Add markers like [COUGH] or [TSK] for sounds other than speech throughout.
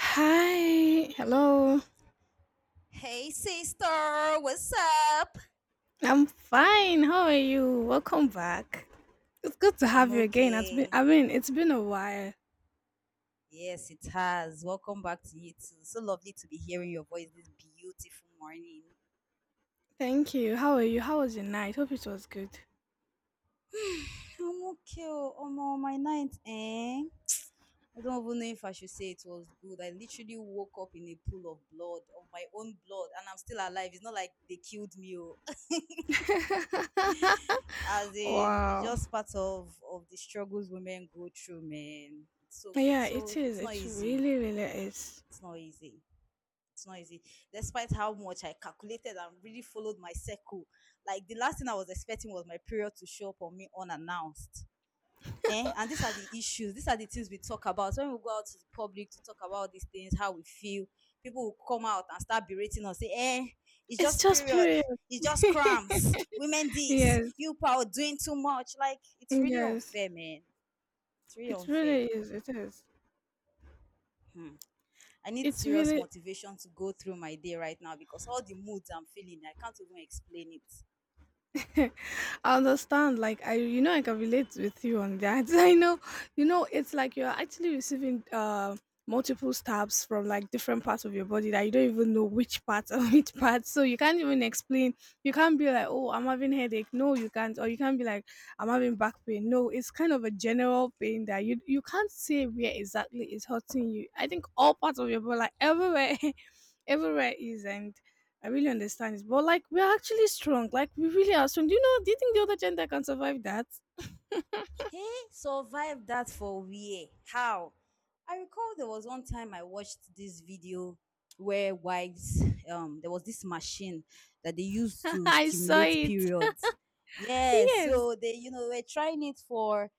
Hi, hello. Hey, sister, what's up? I'm fine. How are you? Welcome back. It's good to I'm have you again. It's been, okay. It's been a while. Yes, it has. Welcome back to you too. So lovely to be hearing your voice this beautiful morning. Thank you. How are you? How was your night? Hope it was good. I'm okay. Oh, Omo, my night, eh? I don't even know if I should say it was good. I literally woke up in a pool of blood, of my own blood, and I'm still alive. It's not like they killed me. Oh. [LAUGHS] [LAUGHS] As in, it's Wow. just part of the struggles women go through, man. Yeah, it is. It's not It easy. really, really is. It's not easy. It's not easy despite how much I calculated and really followed my circle. Like, the last thing I was expecting was my period to show up on me unannounced, eh? And these are the things we talk about when we go out to the public to talk about these things, how we feel. People will come out and start berating us, say, eh, it's It's just just period, period. it's just cramps, women, this, Yes, you people are doing too much. Like, it's really yes. unfair, man. It's really It unfair. really is. It is. Hmm. I need It's serious really motivation to go through my day right now, because all the moods I'm feeling, I can't even explain it. [LAUGHS] I understand. Like I I can relate with you on that. [LAUGHS] I know, it's like you're actually receiving multiple stabs from like different parts of your body that you don't even know which part or [LAUGHS] which part. So you can't even explain. You can't be like, oh, I'm having headache. No, you can't. Or you can't be like, I'm having back pain. No, it's kind of a general pain that you can't say where exactly it's hurting you. I think all parts of your body, like everywhere, [LAUGHS] everywhere is, and I really understand it. But like we're actually strong. Like we really are strong. Do you think the other gender can survive that? He survived that for where? How? I recall there was one time I watched this video where there was this machine that they used [LAUGHS] to I saw stimulate it. periods. Yes, Yes. so they, were trying it for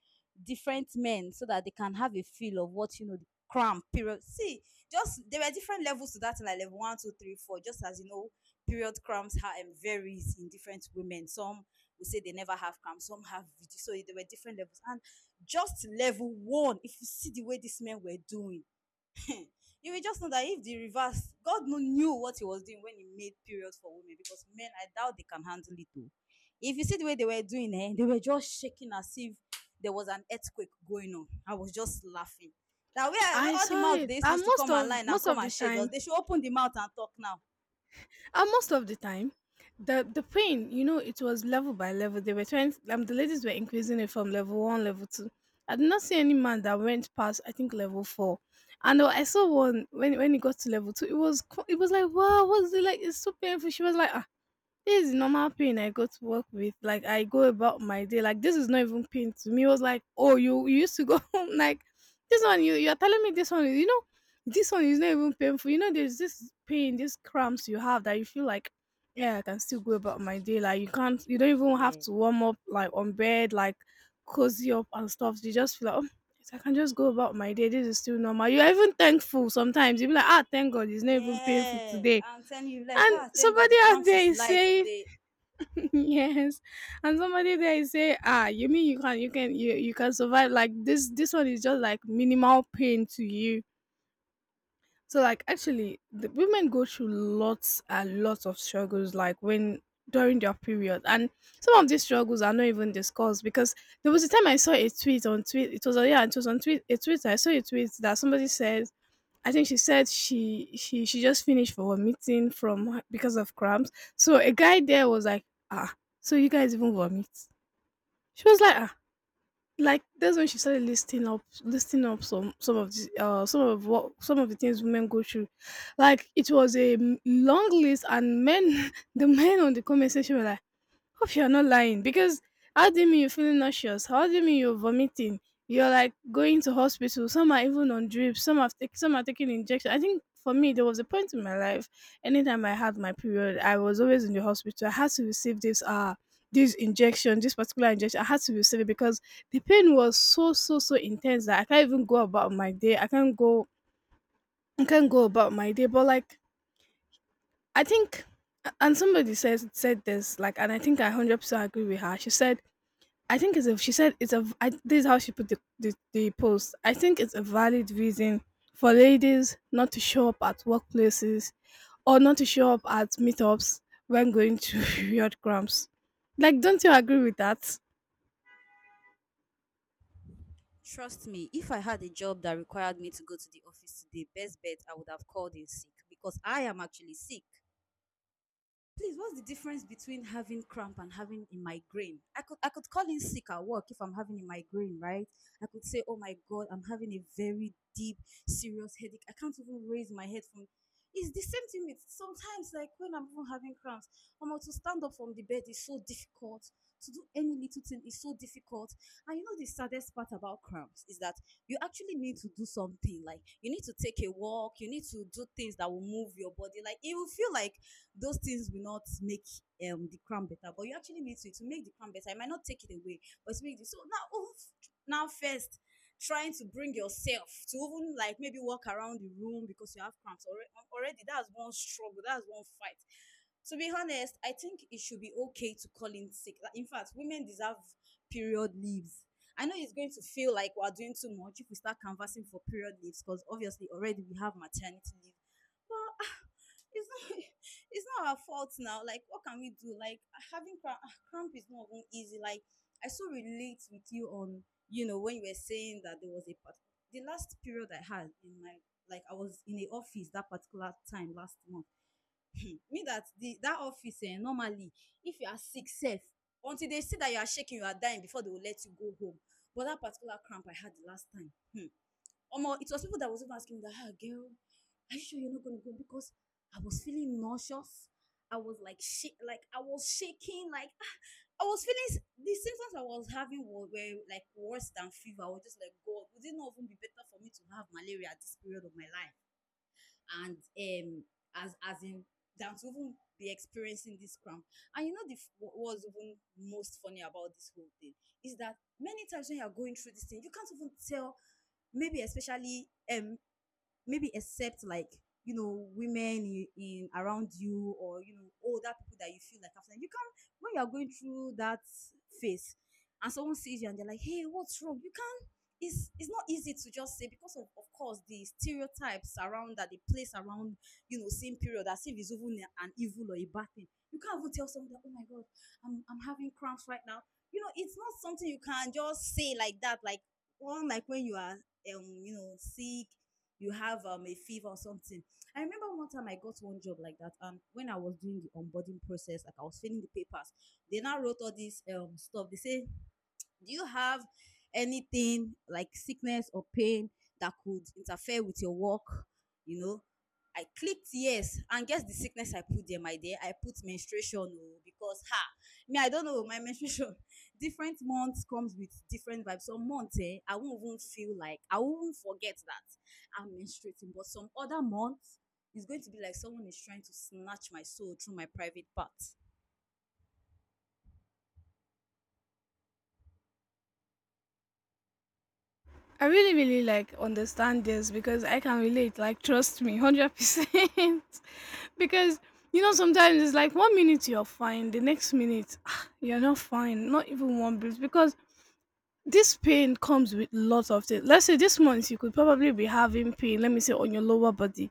different men so that they can have a feel of what, the cramp period. See, just there were different levels to that, like level one, two, three, four, just as you know, period cramps are varies in different women. Some we say they never have cam, some have video. So there were different levels. And just level one, if you see the way these men were doing, [LAUGHS] you will just know that if the reverse, God no knew what he was doing when he made periods for women, because men, I doubt they can handle it too. If you see the way they were doing it, eh, they were just shaking as if there was an earthquake going on. I was just laughing. That where, I all the saw mouth it. they And used to come and lie now, most come of the and shade us. time They should open the mouth and talk now. and most of the time the pain, you know, it was level by level. They were trying the ladies were increasing it from level one, level two. I did not see any man that went past I think level four. And I saw one when he got to level two, it was it was like wow, what's it like? It's so painful. She was like, this is normal pain I go to work with. Like I go about my day. Like this is not even pain to me. It was like, oh, you used to go [LAUGHS] home. Like this one, you're telling me this one You know, this one is not even painful. You know, there's this pain, these cramps you have that you feel like, yeah, I can still go about my day. Like you can't, you don't even have Yeah. to warm up like on bed, like cozy up and stuff. You just feel like, oh, yes, I can just go about my day. This is still normal. You're even thankful sometimes. You be like, ah, thank God, it's not even painful Yeah, today. I'm telling you, like, And ah, thank God, the somebody out crumbs there is is light saying today. [LAUGHS] Yes, and somebody there is say, ah, you mean you can survive like this? This one is just like minimal pain to you. So like actually, the women go through lots and lots of struggles like when during their period, and some of these struggles are not even discussed because there was a time I saw a tweet on tweet. It was on yeah, it was on tweet a tweet. I saw a tweet that somebody said. I think she said she just finished for vomiting because of cramps. So a guy there was like, ah, so you guys even vomit? She was like, ah, like that's when she started listing up some of the some of what some of the things women go through. Like it was a long list, and men [LAUGHS] the men on the comment section were like, hope you're not lying because how do you mean you're feeling nauseous? How do you mean you're vomiting? You're like going to hospital. Some are even on drips. Some have taken Some are taking injection. I think for me there was a point in my life. Anytime I had my period, I was always in the hospital. I had to receive this this injection, this particular injection. I had to receive it because the pain was so so so intense that I can't even go about my day. I can't go about my day. But like I think and somebody says said this like, and I think I 100% agree with her. She said I think it's a, this is how she put the post. I think it's a valid reason for ladies not to show up at workplaces or not to show up at meetups when going to [LAUGHS] period cramps. Like, don't you agree with that? Trust me, if I had a job that required me to go to the office today, best bet I would have called in sick, because I am actually sick. Please, what's the difference between having cramp and having a migraine? I could call in sick at work if I'm having a migraine, right? I could say, "Oh my God, I'm having a very deep, serious headache. I can't even raise my head from." It's the same thing with sometimes, like when I'm even having cramps, I'm to stand up from the bed is so difficult. To do any little thing is so difficult. And you know the saddest part about cramps is that you actually need to do something. Like, you need to take a walk. You need to do things that will move your body. Like, it will feel like those things will not make the crown better, but you actually need to make the crown better. I might not take it away, but to make it so. Now, oof, now first, trying to bring yourself to even, like, maybe walk around the room because you have cramps already, that's one struggle, that's one fight. To be honest, I think it should be okay to call in sick. Like, in fact, women deserve period leaves. I know it's going to feel like we're doing too much if we start canvassing for period leaves, because obviously already we have maternity leave, but it's not, [LAUGHS] it's not our fault now. Like, what can we do? Like, having cramp, cramp is not even easy. Like, I so relate with you on, you know, when you were saying that there was a part. The last period I had in my, like, I was in the office that particular time last month. Me that the, that office, eh, normally, if you are sick sef, until they see that you are shaking, you are dying, before they will let you go home. But that particular cramp I had the last time, Omo, it was people that was even asking me that, ah, girl, are you sure you're not gonna go? Because I was feeling nauseous. I was like, shit, like, I was shaking, like, ah, I was feeling the symptoms I was having were like worse than fever. I was just like, God, would it not even be better for me to have malaria at this period of my life? And as in, than to even be experiencing this cramp. And you know, what was even most funny about this whole thing is that many times when you are going through this thing, you can't even tell. Maybe especially, um maybe, except, like, you know, women in around you, or, you know, older people that you feel like, after, you can, when you are going through that phase and someone sees you and they're like, hey, what's wrong, you can't, it's not easy to just say, because of course the stereotypes around that they place around, you know, same period as if it's even an evil or a bad thing. You can't even tell someone that, oh my God, I'm having cramps right now. You know, it's not something you can just say like that. Like one, like when you are, you know, sick, you have a fever or something. I remember one time I got one job like that, and when I was doing the onboarding process, like, I was filling the papers, they now wrote all this stuff. They say, do you have anything like sickness or pain that could interfere with your work? You know, I clicked yes, and guess the sickness I put there, my dear. I put menstruation oh, because, ha, me I don't know my menstruation. [LAUGHS] Different months comes with different vibes. Some months, eh, I won't even feel, like I won't forget that I'm menstruating, but some other months it's going to be like someone is trying to snatch my soul through my private parts. I really, really like understand this because I can relate. Like, trust me, 100%. [LAUGHS] Because, you know, sometimes it's like one minute you're fine, the next minute ah, you're not fine, not even one bit. Because this pain comes with lots of things. Let's say this month you could probably be having pain, let me say on your lower body.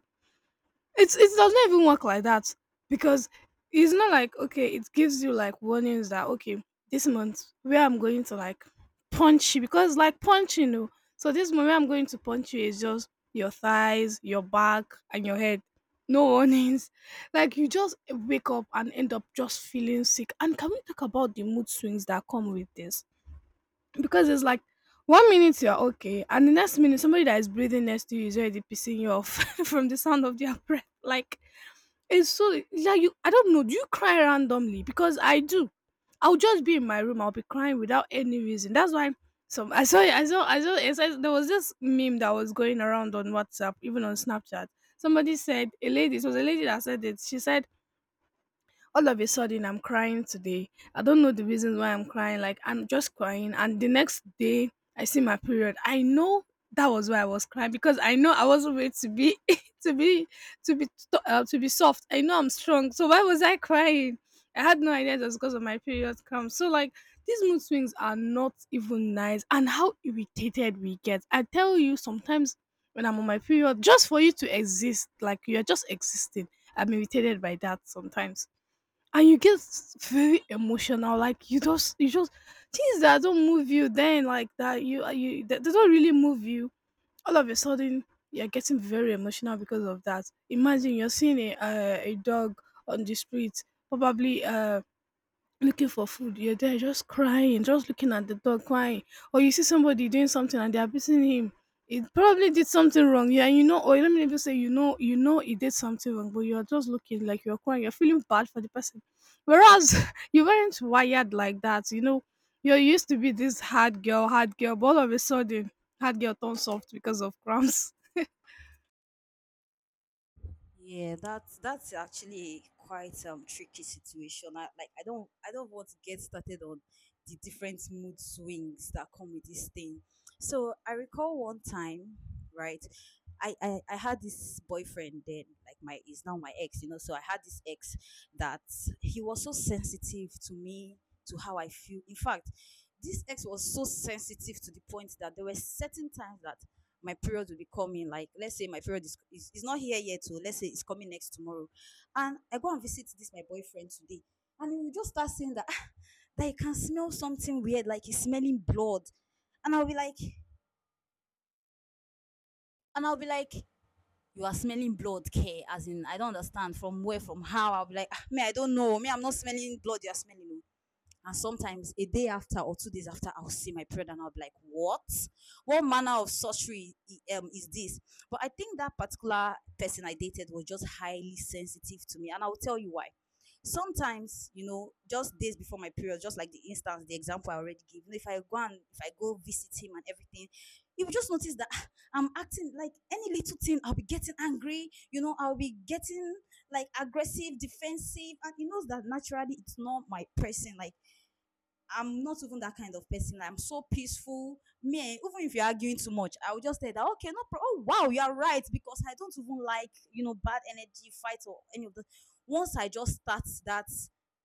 It does not even work like that because it's not like okay, it gives you like warnings that okay, this month where I'm going to like punch you because like punching you know. So this month where I'm going to punch you is just your thighs, your back and your head. No warnings. [LAUGHS] Like you just wake up and end up just feeling sick. And can we talk about the mood swings that come with this? Because it's like one minute you're okay and the next minute somebody that is breathing next to you is already pissing you off [LAUGHS] from the sound of their [LAUGHS] breath. Like it's so yeah, you I don't know, do you cry randomly? Because I do. I'll just be in my room, I'll be crying without any reason. That's why some I saw there was this meme that was going around on WhatsApp, even on Snapchat. Somebody said a lady it was a lady that said it. She said all of a sudden I'm crying today. I don't know the reasons why I'm crying, like I'm just crying, and the next day I see my period. I know that was why I was crying, because I know I wasn't made to be [LAUGHS] to be to be soft. I know I'm strong, so why was I crying? I had no idea it was because of my period come. So like these mood swings are not even nice, and how irritated we get, I tell you. Sometimes when I'm on my period, just for you to exist, like you're just existing, I'm irritated by that sometimes. And you get very emotional, like you just things that don't move you then like that, you they don't really move you. All of a sudden you're getting very emotional because of that. Imagine you're seeing a dog on the street, probably looking for food. You're there just crying, just looking at the dog crying. Or you see somebody doing something and they are beating him. It probably did something wrong. Yeah, you know, or let me even say, you know he did something wrong, but you're just looking, like you're crying, you're feeling bad for the person. Whereas [LAUGHS] you weren't wired like that, you know. You're used to be this hard girl, but all of a sudden hard girl turns soft because of cramps. [LAUGHS] Yeah, that's actually quite tricky situation. I don't want to get started on the different mood swings that come with this thing. So I recall one time, right? I had this boyfriend then, like, my is now my ex, you know. So I had this ex that he was so sensitive to me, to how I feel. In fact, this ex was so sensitive to the point that there were certain times that my period will be coming. Like, let's say my period is not here yet, so let's say it's coming next tomorrow, and I go and visit this my boyfriend today, and he will just start saying that, "Ah, that he can smell something weird, like, he's smelling blood." And I'll be like, and i'll be like you are smelling blood, care, as in, I don't understand, from where, from how. I'll be like, "Ah, me I don't know, me I'm not smelling blood, you're smelling." And sometimes a day after or 2 days after, I'll see my period and I'll be like, what? What manner of sorcery is this? But I think that particular person I dated was just highly sensitive to me. And I'll tell you why. Sometimes, you know, just days before my period, just like the instance, the example I already gave, you know, if I go visit him and everything, you will just notice that, ah, I'm acting, like, any little thing I'll be getting angry, you know, I'll be getting like aggressive, defensive, and he knows that naturally it's not my person. Like, I'm not even that kind of person. I'm so peaceful. Me, even if you're arguing too much, I will just say that okay, no problem. Oh, wow, you are right, because I don't even like, you know, bad energy fight or any of that. Once I just start that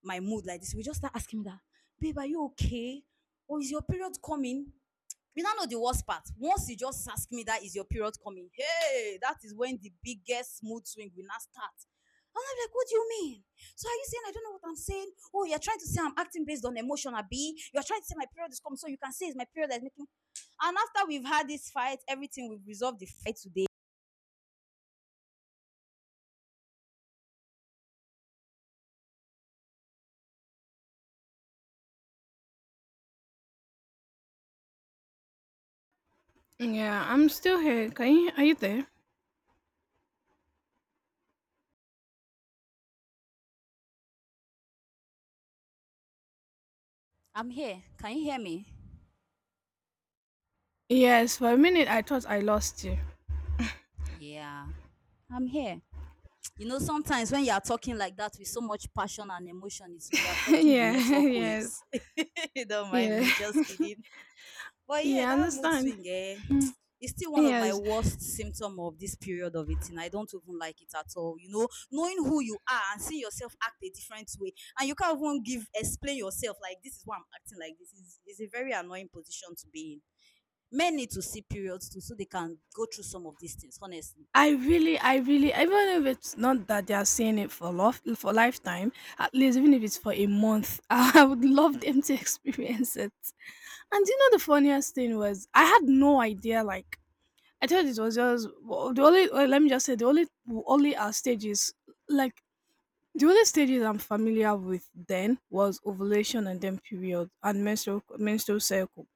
my mood like this, we just start asking me that, babe, are you okay? Or is your period coming? [TSK] You now know the worst part. Once you just ask me that, is your period coming, hey, that is when the biggest mood swing will now start. And I'm like, what do you mean? So are you saying I don't know what I'm saying? Oh, you're trying to say I'm acting based on emotion, Abi. You're trying to say my period is coming, so you can say it's my period that's making. And after we've had this fight, everything, we've resolved the fight today. Yeah, I'm still here. Can you are you there? I'm here. Can you hear me? Yes, for a minute I thought I lost you. [LAUGHS] Yeah, I'm here. You know, sometimes when you are talking like that with so much passion and emotion, it will be affecting the Yeah, [LAUGHS] network yes. waves. [LAUGHS] Don't mind Yeah. me, just kidding. But yeah, Yeah, I that mood understand. swing, Hmm, [TSK] is still one of my yes, worst symptom of this period of it, and I don't even like it at all. You know, knowing who you are and seeing yourself act a different way, and you can't even give explain yourself like this is why I'm acting like this is a very annoying position to be in. Men need to see periods too, so they can go through some of these things. Honestly, I really, even if it's not that they are saying it for love, for lifetime, at least even if it's for a month, [LAUGHS] I would love them to experience it. And you know, the funniest thing was I had no idea. Like I thought it was just the only. Well, let me just say the only only our stage is like the only stages I'm familiar with then was ovulation and then period and menstrual cycle.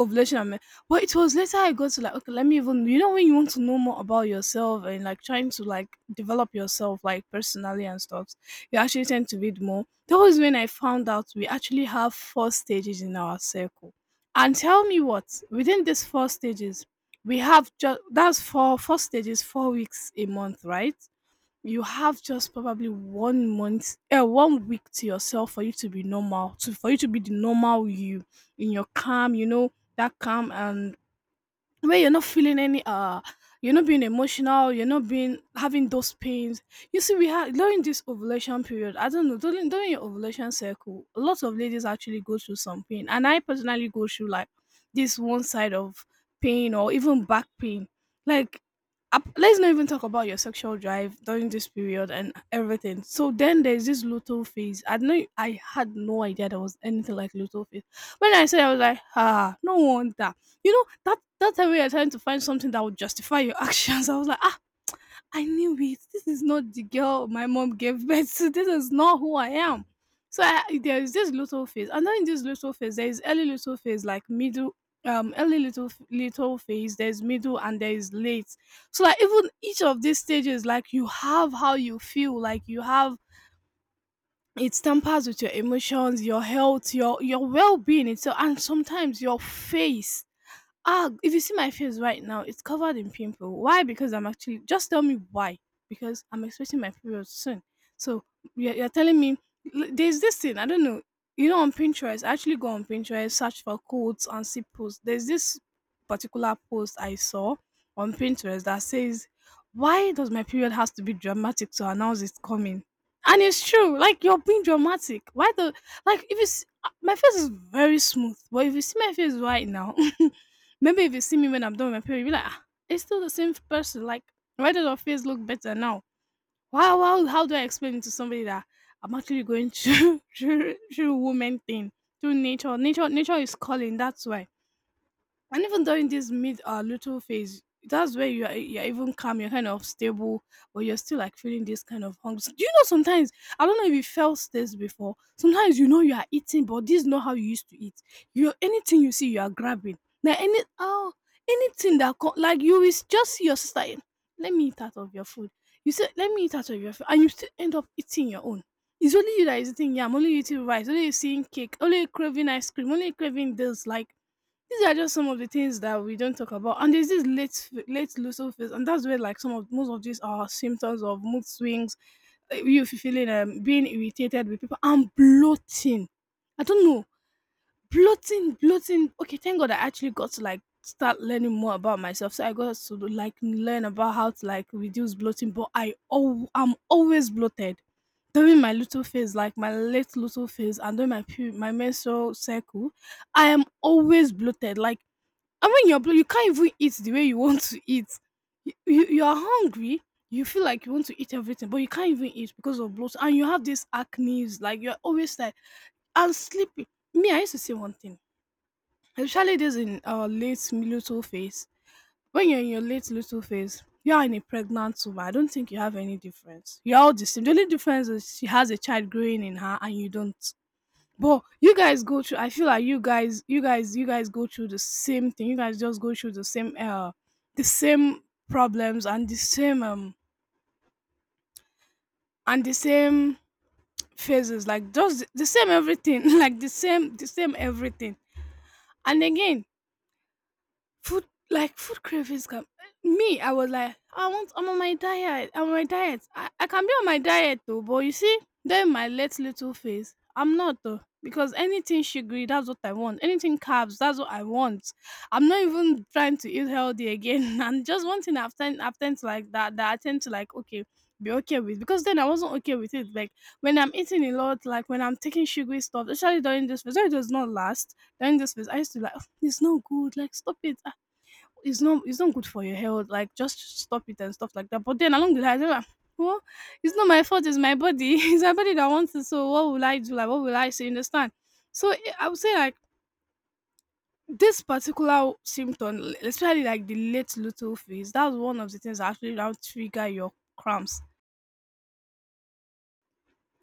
Ovulation and men- but it was later I got to like, okay, let me even, you know, when you want to know more about yourself and like trying to like develop yourself like personally and stuff, you actually tend to read more. That was when I found out we actually have four stages in our circle. And tell me what within these four stages we have just that's four stages, 4 weeks a month, right? You have just probably one month one week to yourself for you to be normal to for you to be the normal you in your calm, you know, that calm, and where you're not feeling any you're not being emotional, you're not being having those pains. You see, we have during this ovulation period, I don't know, during your ovulation cycle a lot of ladies actually go through some pain, and I personally go through like this one side of pain or even back pain, like let's not even talk about your sexual drive during this period and everything. So then there's this luteal phase. I know I had no idea there was anything like luteal phase. When I said, I was like, ah, no wonder, that that time we are trying to find something that would justify your [LAUGHS] actions. I was like, ah, I knew it. This is not the girl my mom gave birth to. This is not who I am. So I, there is this little phase, and then in this little phase, there is early little phase, like middle, early little phase. There's middle and there is late. So like even each of these stages, like you have how you feel, like you have it tampers with your emotions, your health, your well being itself, and sometimes your face. Ah, if you see my face right now, it's covered in pimple. Why? Because I'm actually just tell me why. Because I'm expecting my period soon. So you're telling me there's this thing I don't know. You know, on Pinterest, I actually go on Pinterest, search for quotes and see posts. There's this particular post I saw on Pinterest that says, "Why does my period has to be dramatic to announce it's coming?" And it's true. Like you're being dramatic. Why the like? If you see, my face is very smooth, but if you see my face right now. [LAUGHS] Maybe if you see me when I'm done with my period, you'll be like, ah, it's still the same person. Like, why does your face look better now? Wow, wow, how do I explain it to somebody that I'm actually going through [LAUGHS] through woman thing, through nature? Nature is calling, that's why. And even during this mid little phase, that's where you are, you're even calm, you're kind of stable, but you're still like feeling this kind of hunger. So, do you know sometimes, I don't know if you felt this before, sometimes you know you are eating but this is not how you used to eat. You, anything you see you are grabbing now, any oh, anything that like you is just see your sister, eh, let me eat out of your food. You say let me eat out of your food and you still end up eating your own. It's only you that is eating yam, only you eating rice, only you seeing cake, only you craving ice cream, only you craving this, like these are just some of the things that we don't talk about. And there's this late, late lucidity phase, and that's where like some of most of these are symptoms of mood swings, you feeling being irritated with people, and bloating. I don't know, bloating. Okay, thank God I actually got to like start learning more about myself. So I got to like learn about how to like reduce bloating, but I, oh, I'm always bloated during my little phase, like my late little phase, and during my my menstrual cycle, I am always bloated. Like and when you're blo you can't even eat the way you want to eat. You are hungry, you feel like you want to eat everything, but you can't even eat because of bloat, and you have this acne. Like you're always tired and sleepy. Me, I used to say one thing, especially this in our late luteal phase. When you're in your late luteal phase, you are in a pregnant woman. I don't think you have any difference. You're all the same. The only difference is she has a child growing in her and you don't. But you guys go through, I feel like you guys go through the same thing. You guys just go through the same problems, and the same phases, like just the same everything, [LAUGHS] like the same everything. And again, food, like food cravings come. Me, I was like, I want, I'm on my diet I'm on my diet I can be on my diet though, but you see, then my late little face, I'm not though, because anything sugary, that's what I want, anything carbs, that's what I want. I'm not even trying to eat healthy again. [LAUGHS] And just one thing I've tend to like, that I tend to like, okay, be okay with, because then I wasn't okay with it, like when I'm eating a lot, like when I'm taking sugary stuff, especially during this phase, when it does not last. During this phase I used to like, "Oh, it's not good, like stop it, it's not good for your health. Like just stop it and stuff like that." But then along the line, I don't know, well, it's not my fault. It's my body. [LAUGHS] It's my body that wants it. So what will I do? Like what will I say? You understand? So eh, I would say like this particular symptom, especially like the late luteal phase, that's one of the things that actually now trigger your cramps,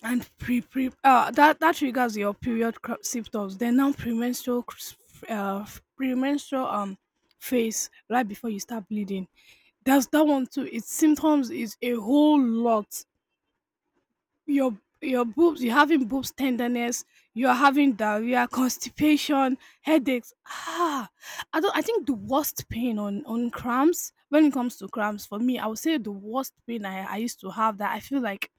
and pre pre that triggers your period symptoms, then now premenstrual premenstrual phase, right before you start bleeding. That's that one too, its symptoms is a whole lot. your your boobs, you're having boobs tenderness, you're having diarrhea, [LAUGHS] constipation, headaches, ah, I don't I think the worst pain on cramps, when it comes to cramps, for me I would say the worst pain I used to have, that I feel like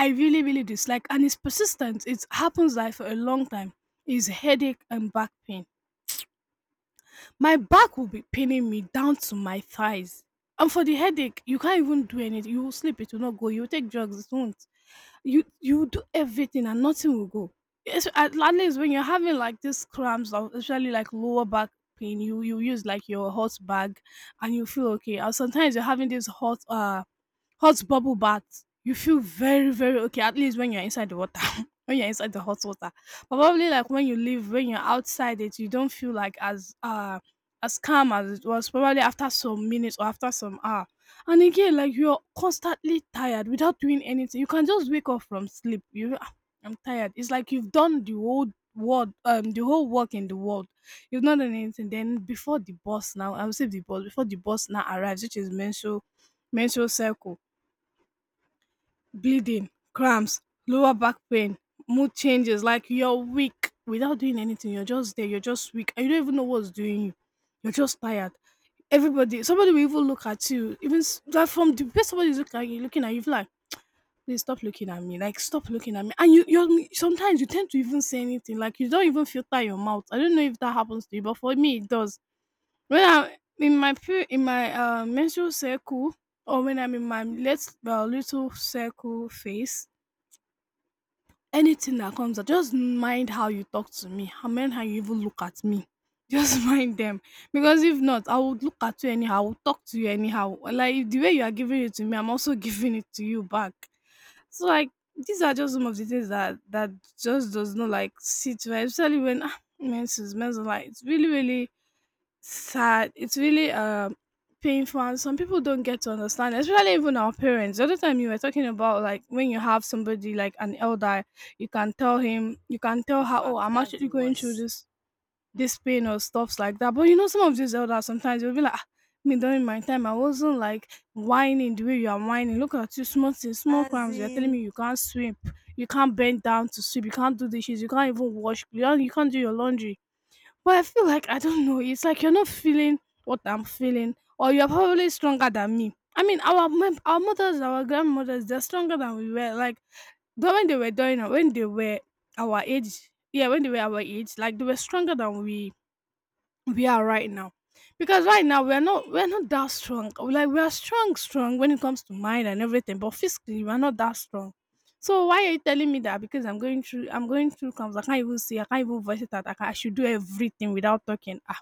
I really, really dislike, and it's persistent. It happens like for a long time. Is headache and back pain. My back will be paining me down to my thighs. And for the headache, you can't even do anything. You will sleep, it will not go. You will take drugs, it won't you do everything and nothing will go. It's, at least when you're having like these cramps, or especially like lower back pain, you use like your hot bag, and you feel okay. Or sometimes you're having this hot hot bubble bath. You feel very very okay. At least when you're inside the water, [LAUGHS] when you're inside the hot water. Probably like when you leave, when you're outside it, you don't feel like as calm as it was, probably after some minutes or after some hours. And again, like you're constantly tired without doing anything. You can just wake up from sleep. You, "Ah, I'm tired." It's like you've done the whole world, the whole work in the world. You've not done anything. Then before the boss now, I will say the boss before the boss now arrives, which is menstrual circle, bleeding, cramps, lower back pain, mood changes. Like you're weak without doing anything. You're just there. You're just weak. And you don't even know what's doing you. You're just tired. Everybody, somebody will even look at you. Even that from the way somebody is looking at you, like, please stop looking at me. Like stop looking at me. And you sometimes you tend to even say anything. Like you don't even filter your mouth. I don't know if that happens to you, but for me it does. When I'm in my in my menstrual circle, or when I'm in my let little circle phase, anything that comes up, just mind how you talk to me, how mind how you even look at me. Just [LAUGHS] mind them. Because if not, I would look at you anyhow, I would talk to you anyhow. Like if the way you are giving it to me, I'm also [LAUGHS] giving it to you back. So like these are just some of the things that just does not like sit well, especially when ah, menses, like it's really, really sad. It's really painful, and some people don't get to understand, especially even our parents. The other time you were talking about like when you have somebody like an elder, you can tell him, you can tell in her, oh, fact, I'm that's the actually going through worst. this this pain or stuffs like that. But you know, some of these elders sometimes you'll be like, "Ah, me during my time, I wasn't like whining the way you are whining. Look at you, small things, small As crimes. You're telling me in, you can't sweep, you can't bend down to sweep, you can't do dishes, you can't even wash, you can't do your laundry." Well, I feel like I don't know. It's like you're not feeling what I'm feeling, or you're probably stronger than me. I mean, our mothers, our grandmothers, they're stronger than we were. Like though when they were doing when they were our age, yeah, when they were our age, like they were stronger than we are right now, because right now we're not that strong. Like we are strong strong when it comes to mind and everything, but physically we're not that strong. So why are you telling me that? Because I'm going through comes I can't even see, I can't even voice it out. I should do everything without talking.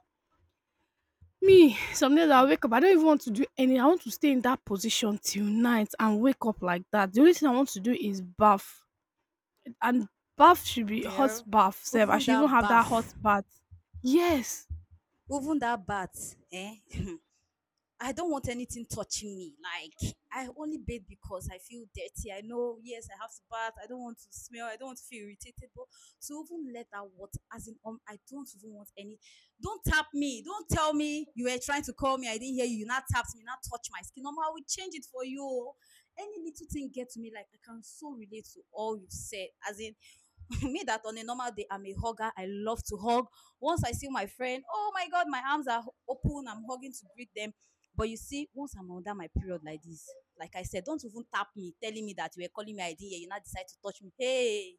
hmm, Me, some days I wake up, I don't even want to do any. I want to stay in that position till night and wake up like that. The only thing I want to do is bath. And bath should be hot girl, bath self. I even should even that have that hot bath, bath. Yes. even that bath, eh? [LAUGHS] I don't want anything touching me. Like I only bathe because I feel dirty. I know, yes, I have to bath. I don't want to smell. I don't want to feel irritated. But to even let that water, as in, I don't even want any. Don't tap me. Don't tell me you were trying to call me. I didn't hear you. You not tapped me. You not touch my skin. No, I will change it for you. Any little thing get to me. Like I can so relate to all you said. As in, [LAUGHS] me that on a normal day I'm a hugger. I love to hug. Once I see my friend, oh my god, my arms are open. I'm hugging to greet them. But you see, once I'm under my period like this, like I said, don't even tap me, telling me that you were calling me. I D. You now decide to touch me. Hey,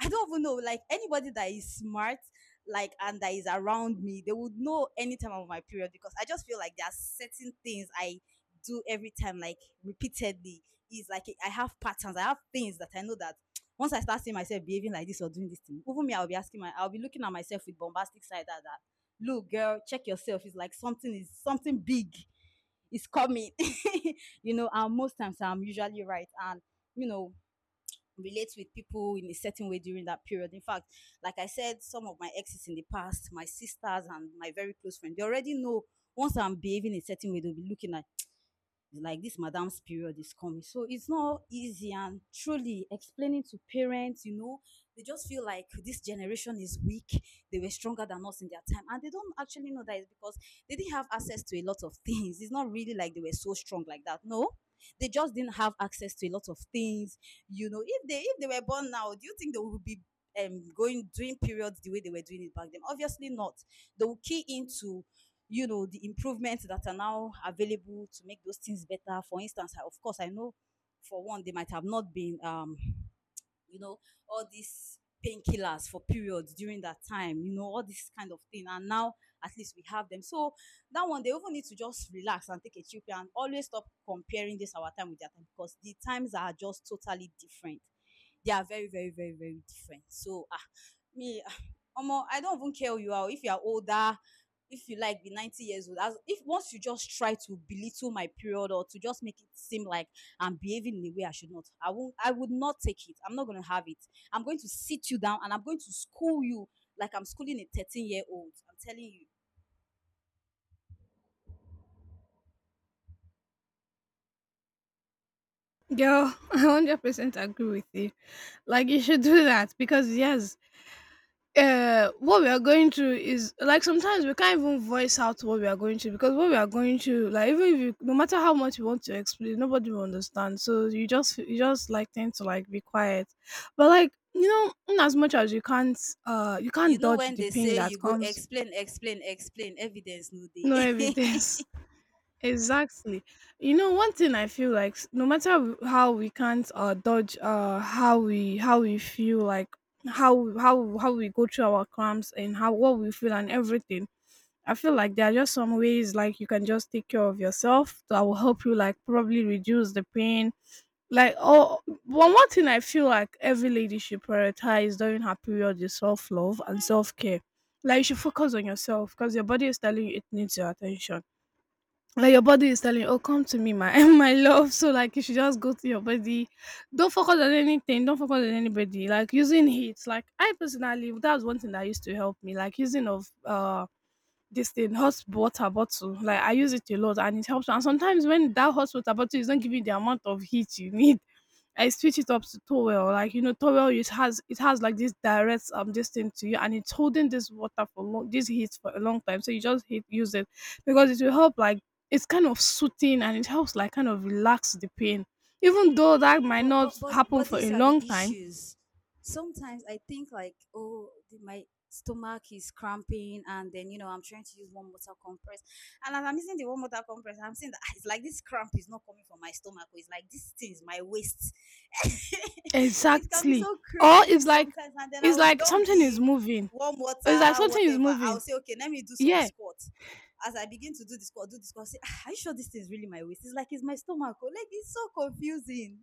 I don't even know. Like anybody that is smart, like and that is around me, they would know any time of my period because I just feel like there are certain things I do every time, like repeatedly. It's like I have patterns. I have things that I know that [TSK] once I start seeing myself behaving like this or doing this thing, even me, I'll be asking my, I'll be looking at myself with bombastic side that look, girl, check yourself. It's like something is something big is coming, [LAUGHS] you know. And most times I'm usually right, and you know, relate with people in a certain way during that period. In fact, like I said, some of my exes in the past, my sisters and my very close friends, they already know once I'm behaving a certain way, they'll be looking at like this madam's period is coming. So it's not easy and truly explaining to parents, you know, they just feel like this generation is weak. They were stronger than us in their time. And they don't actually know that it's because they didn't have access to a lot of things. It's not really like they were so strong like that. No. They just didn't have access to a lot of things. You know, if they were born now, do you think they would be going doing periods the way they were doing it back then? Obviously not. They will key into you know the improvements that are now available to make those things better. For instance, of course I know for one they might have not been you know, all these painkillers for periods during that time, you know, all this kind of thing. And now at least we have them. So that one, they even need to just relax and take a chill pill and always stop comparing this our time with their time because the times are just totally different. They are very, very, very, very different. So ah, me, ah, omo, I don't even care who you are. If you are older, if you like be 90 years old, as if once you just try to belittle my period or to just make it seem like I'm behaving in a way I should not. I won't. I would not take it. I'm not going to have it. I'm going to sit you down and I'm going to school you like I'm schooling a 13-year-old. I'm telling you. Girl, [LAUGHS] I 100% agree with you. Like, you should do that because, yes, what we are going through is like sometimes we can't even voice out what we are going through, because what we are going through, like, even if you, no matter how much you want to explain, nobody will understand. So you just like tend to like be quiet. But, like, you know, in as much as you You can't know dodge when the they pain say that you go comes, explain, explain, explain, evidence no day. no [LAUGHS] evidence. [LAUGHS] Exactly. You know, one thing I feel like no matter how we can't dodge how we feel like how we go through our cramps and how what we feel and everything. I feel like there are just some ways like you can just take care of yourself that will help you like probably reduce the pain. Like one thing I feel like every lady should prioritize during her period is self love and self care. Like you should focus on yourself because your body is telling you it needs your attention. Like your body is telling you, oh, come to me, my [LAUGHS] my love. So like you should just go to your body. Don't focus on anything, don't focus on anybody. Like using heat, like I personally, that was one thing that used to help me. Like using of this thing, hot water bottle. Like I use it a lot and it helps. And sometimes when that hot water bottle is not giving the amount of heat you need, I switch it up to towel. Like you know, towel, it has like this direct this thing to you, and it's holding this water for long, this heat for a long time. So you just use it because it will help. Like it's kind of soothing and it helps like kind of relax the pain, even though that might but not but but happen but for a these are the long time. issues. Sometimes I think like, oh, my stomach is cramping and then you know I'm trying to use warm water compress, and as I'm using the warm water compress I'm seeing that, "Ah, it's like this cramp is not coming from my stomach, or it's like this thing is my waist." [LAUGHS] It can be Exactly. so Or crazy it's like sometimes, and then It's I'll like dump something is the moving. warm It's like water something is whatever. moving. I'll say, okay, let me do some Yeah, squats. As I begin to do the squat, I say, "Ah, are you sure this thing is really my waist? It's like it's my stomach. Oh, like it's so confusing."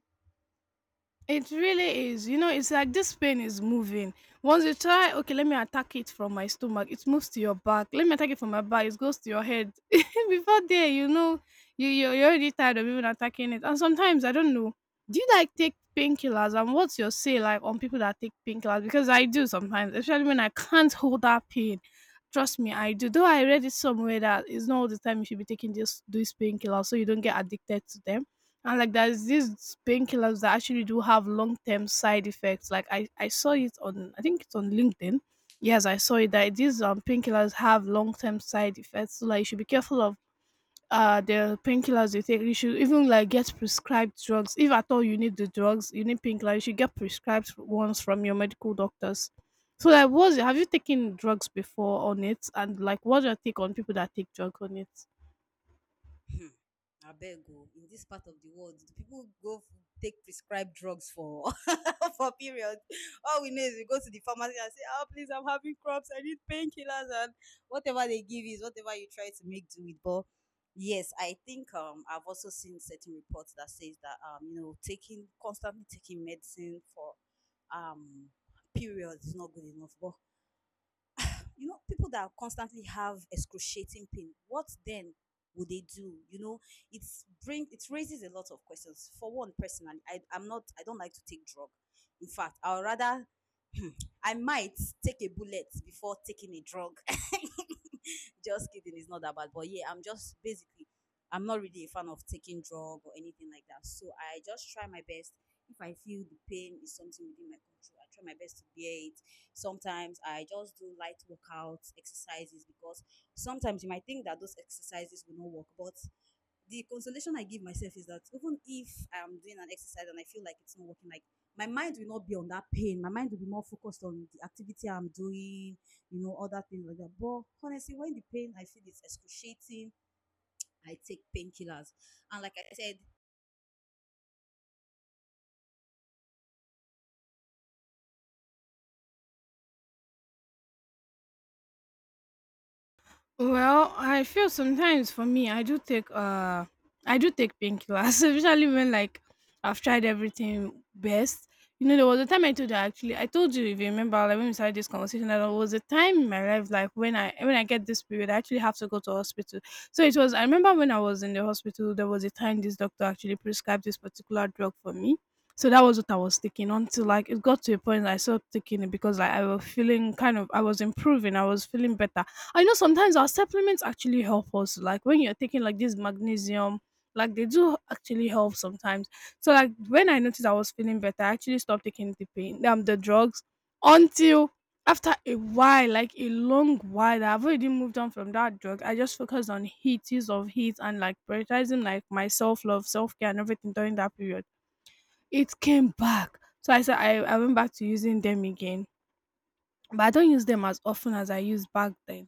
it really is. You know, it's like this pain is moving. Once you try, okay, let me attack it from my stomach. It moves to your back. Let me attack it from my back. It goes to your head. [LAUGHS] Before there, you know, you're already tired of even attacking it. And sometimes I don't know. Do you like take painkillers? And what's your say like on people that take painkillers? Because I do sometimes, especially when I can't hold that pain. Trust me, I do. Though I read it somewhere that it's not all the time you should be taking this these painkillers, so you don't get addicted to them. And like there's these painkillers that actually do have long term side effects. Like I saw it on I think it's on LinkedIn. Yes, I saw it that these painkillers have long term side effects. So like you should be careful of the painkillers you take. You should even like get prescribed drugs. If at all you need the drugs, you need painkillers, you should get prescribed ones from your medical doctors. So like what's have you taken drugs before on it, and like what's your take on people that take drugs on it? Abeg o, in this part of the world the people go take prescribed drugs for [LAUGHS] for period. All we know is we go to the pharmacy and say, oh please, I'm having cramps, I need painkillers, and whatever they give is whatever you try to make do with. But yes, I think, um, I've also seen certain reports that says that, um, you know, taking constantly taking medicine for um periods is not good enough. But you know, people that constantly have excruciating pain, what then would they do? You know, it raises a lot of questions. For one, personally, I'm not, I don't like to take drug. In fact, I'll rather [CLEARS THROAT] I might take a bullet before taking a drug. [LAUGHS] [LAUGHS] Just kidding, it's not that bad. But yeah, I'm just basically, I'm not really a fan of taking drug or anything like that. So I just try my best. If I feel the pain is something within my control, I try my best to bear it. Sometimes I just do light workout exercises because sometimes you might think that those exercises will not work, but the consolation I give myself is that even if I'm doing an exercise and I feel like it's not working, like my mind will not be on that pain. My mind will be more focused on the activity I'm doing, you know, other things like that. But honestly, when the pain I feel is excruciating, I take painkillers. And like I said, Well, I feel sometimes for me, I do take painkillers, [LAUGHS] especially when like I've tried everything best. You know, there was a time I told you, actually, I told you if you remember like when we started this conversation, that there was a time in my life like when I get this period, I actually have to go to hospital. So it was, I remember when I was in the hospital, there was a time this doctor actually prescribed this particular drug for me. So that was what I was taking until like it got to a point that I stopped taking it because like I was feeling kind of, I was improving, I was feeling better. I know sometimes our supplements actually help us. Like when you're taking like this magnesium, like they do actually help sometimes. So like when I noticed I was feeling better, I actually stopped taking the pain the drugs until after a while, like a long while, I've already moved on from that drug. I just focused on heat, use of heat, and like prioritizing like my self love, self care, and everything during that period. It came back, so I said I went back to using them again, but I don't use them as often as I used back then.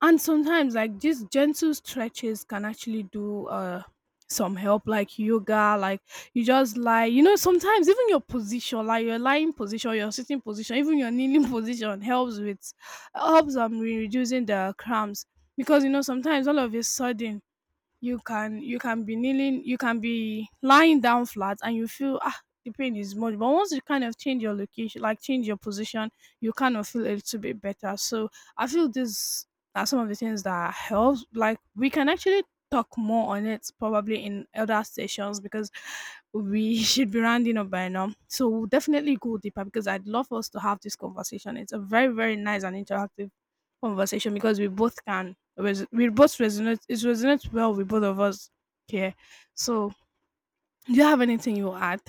And sometimes like these gentle stretches can actually do some help, like yoga. Like you just lie, you know, sometimes even your position, like your lying position, your sitting position, even your kneeling [LAUGHS] position helps with helps reducing the cramps, because you know, sometimes all of a sudden you can be kneeling, you can be lying down flat and you feel ah the pain is much, but once you kind of change your location, like change your position, you kind of feel a little bit better. So I feel these are some of the things that helps, like we can actually talk more on it probably in other sessions, because we [LAUGHS] should be rounding up by now. So we'll definitely go deeper, because I'd love us to have this conversation. It's a very very nice and interactive conversation, because we both can we both resonate, it resonates well with both of us here. So do you have anything you add?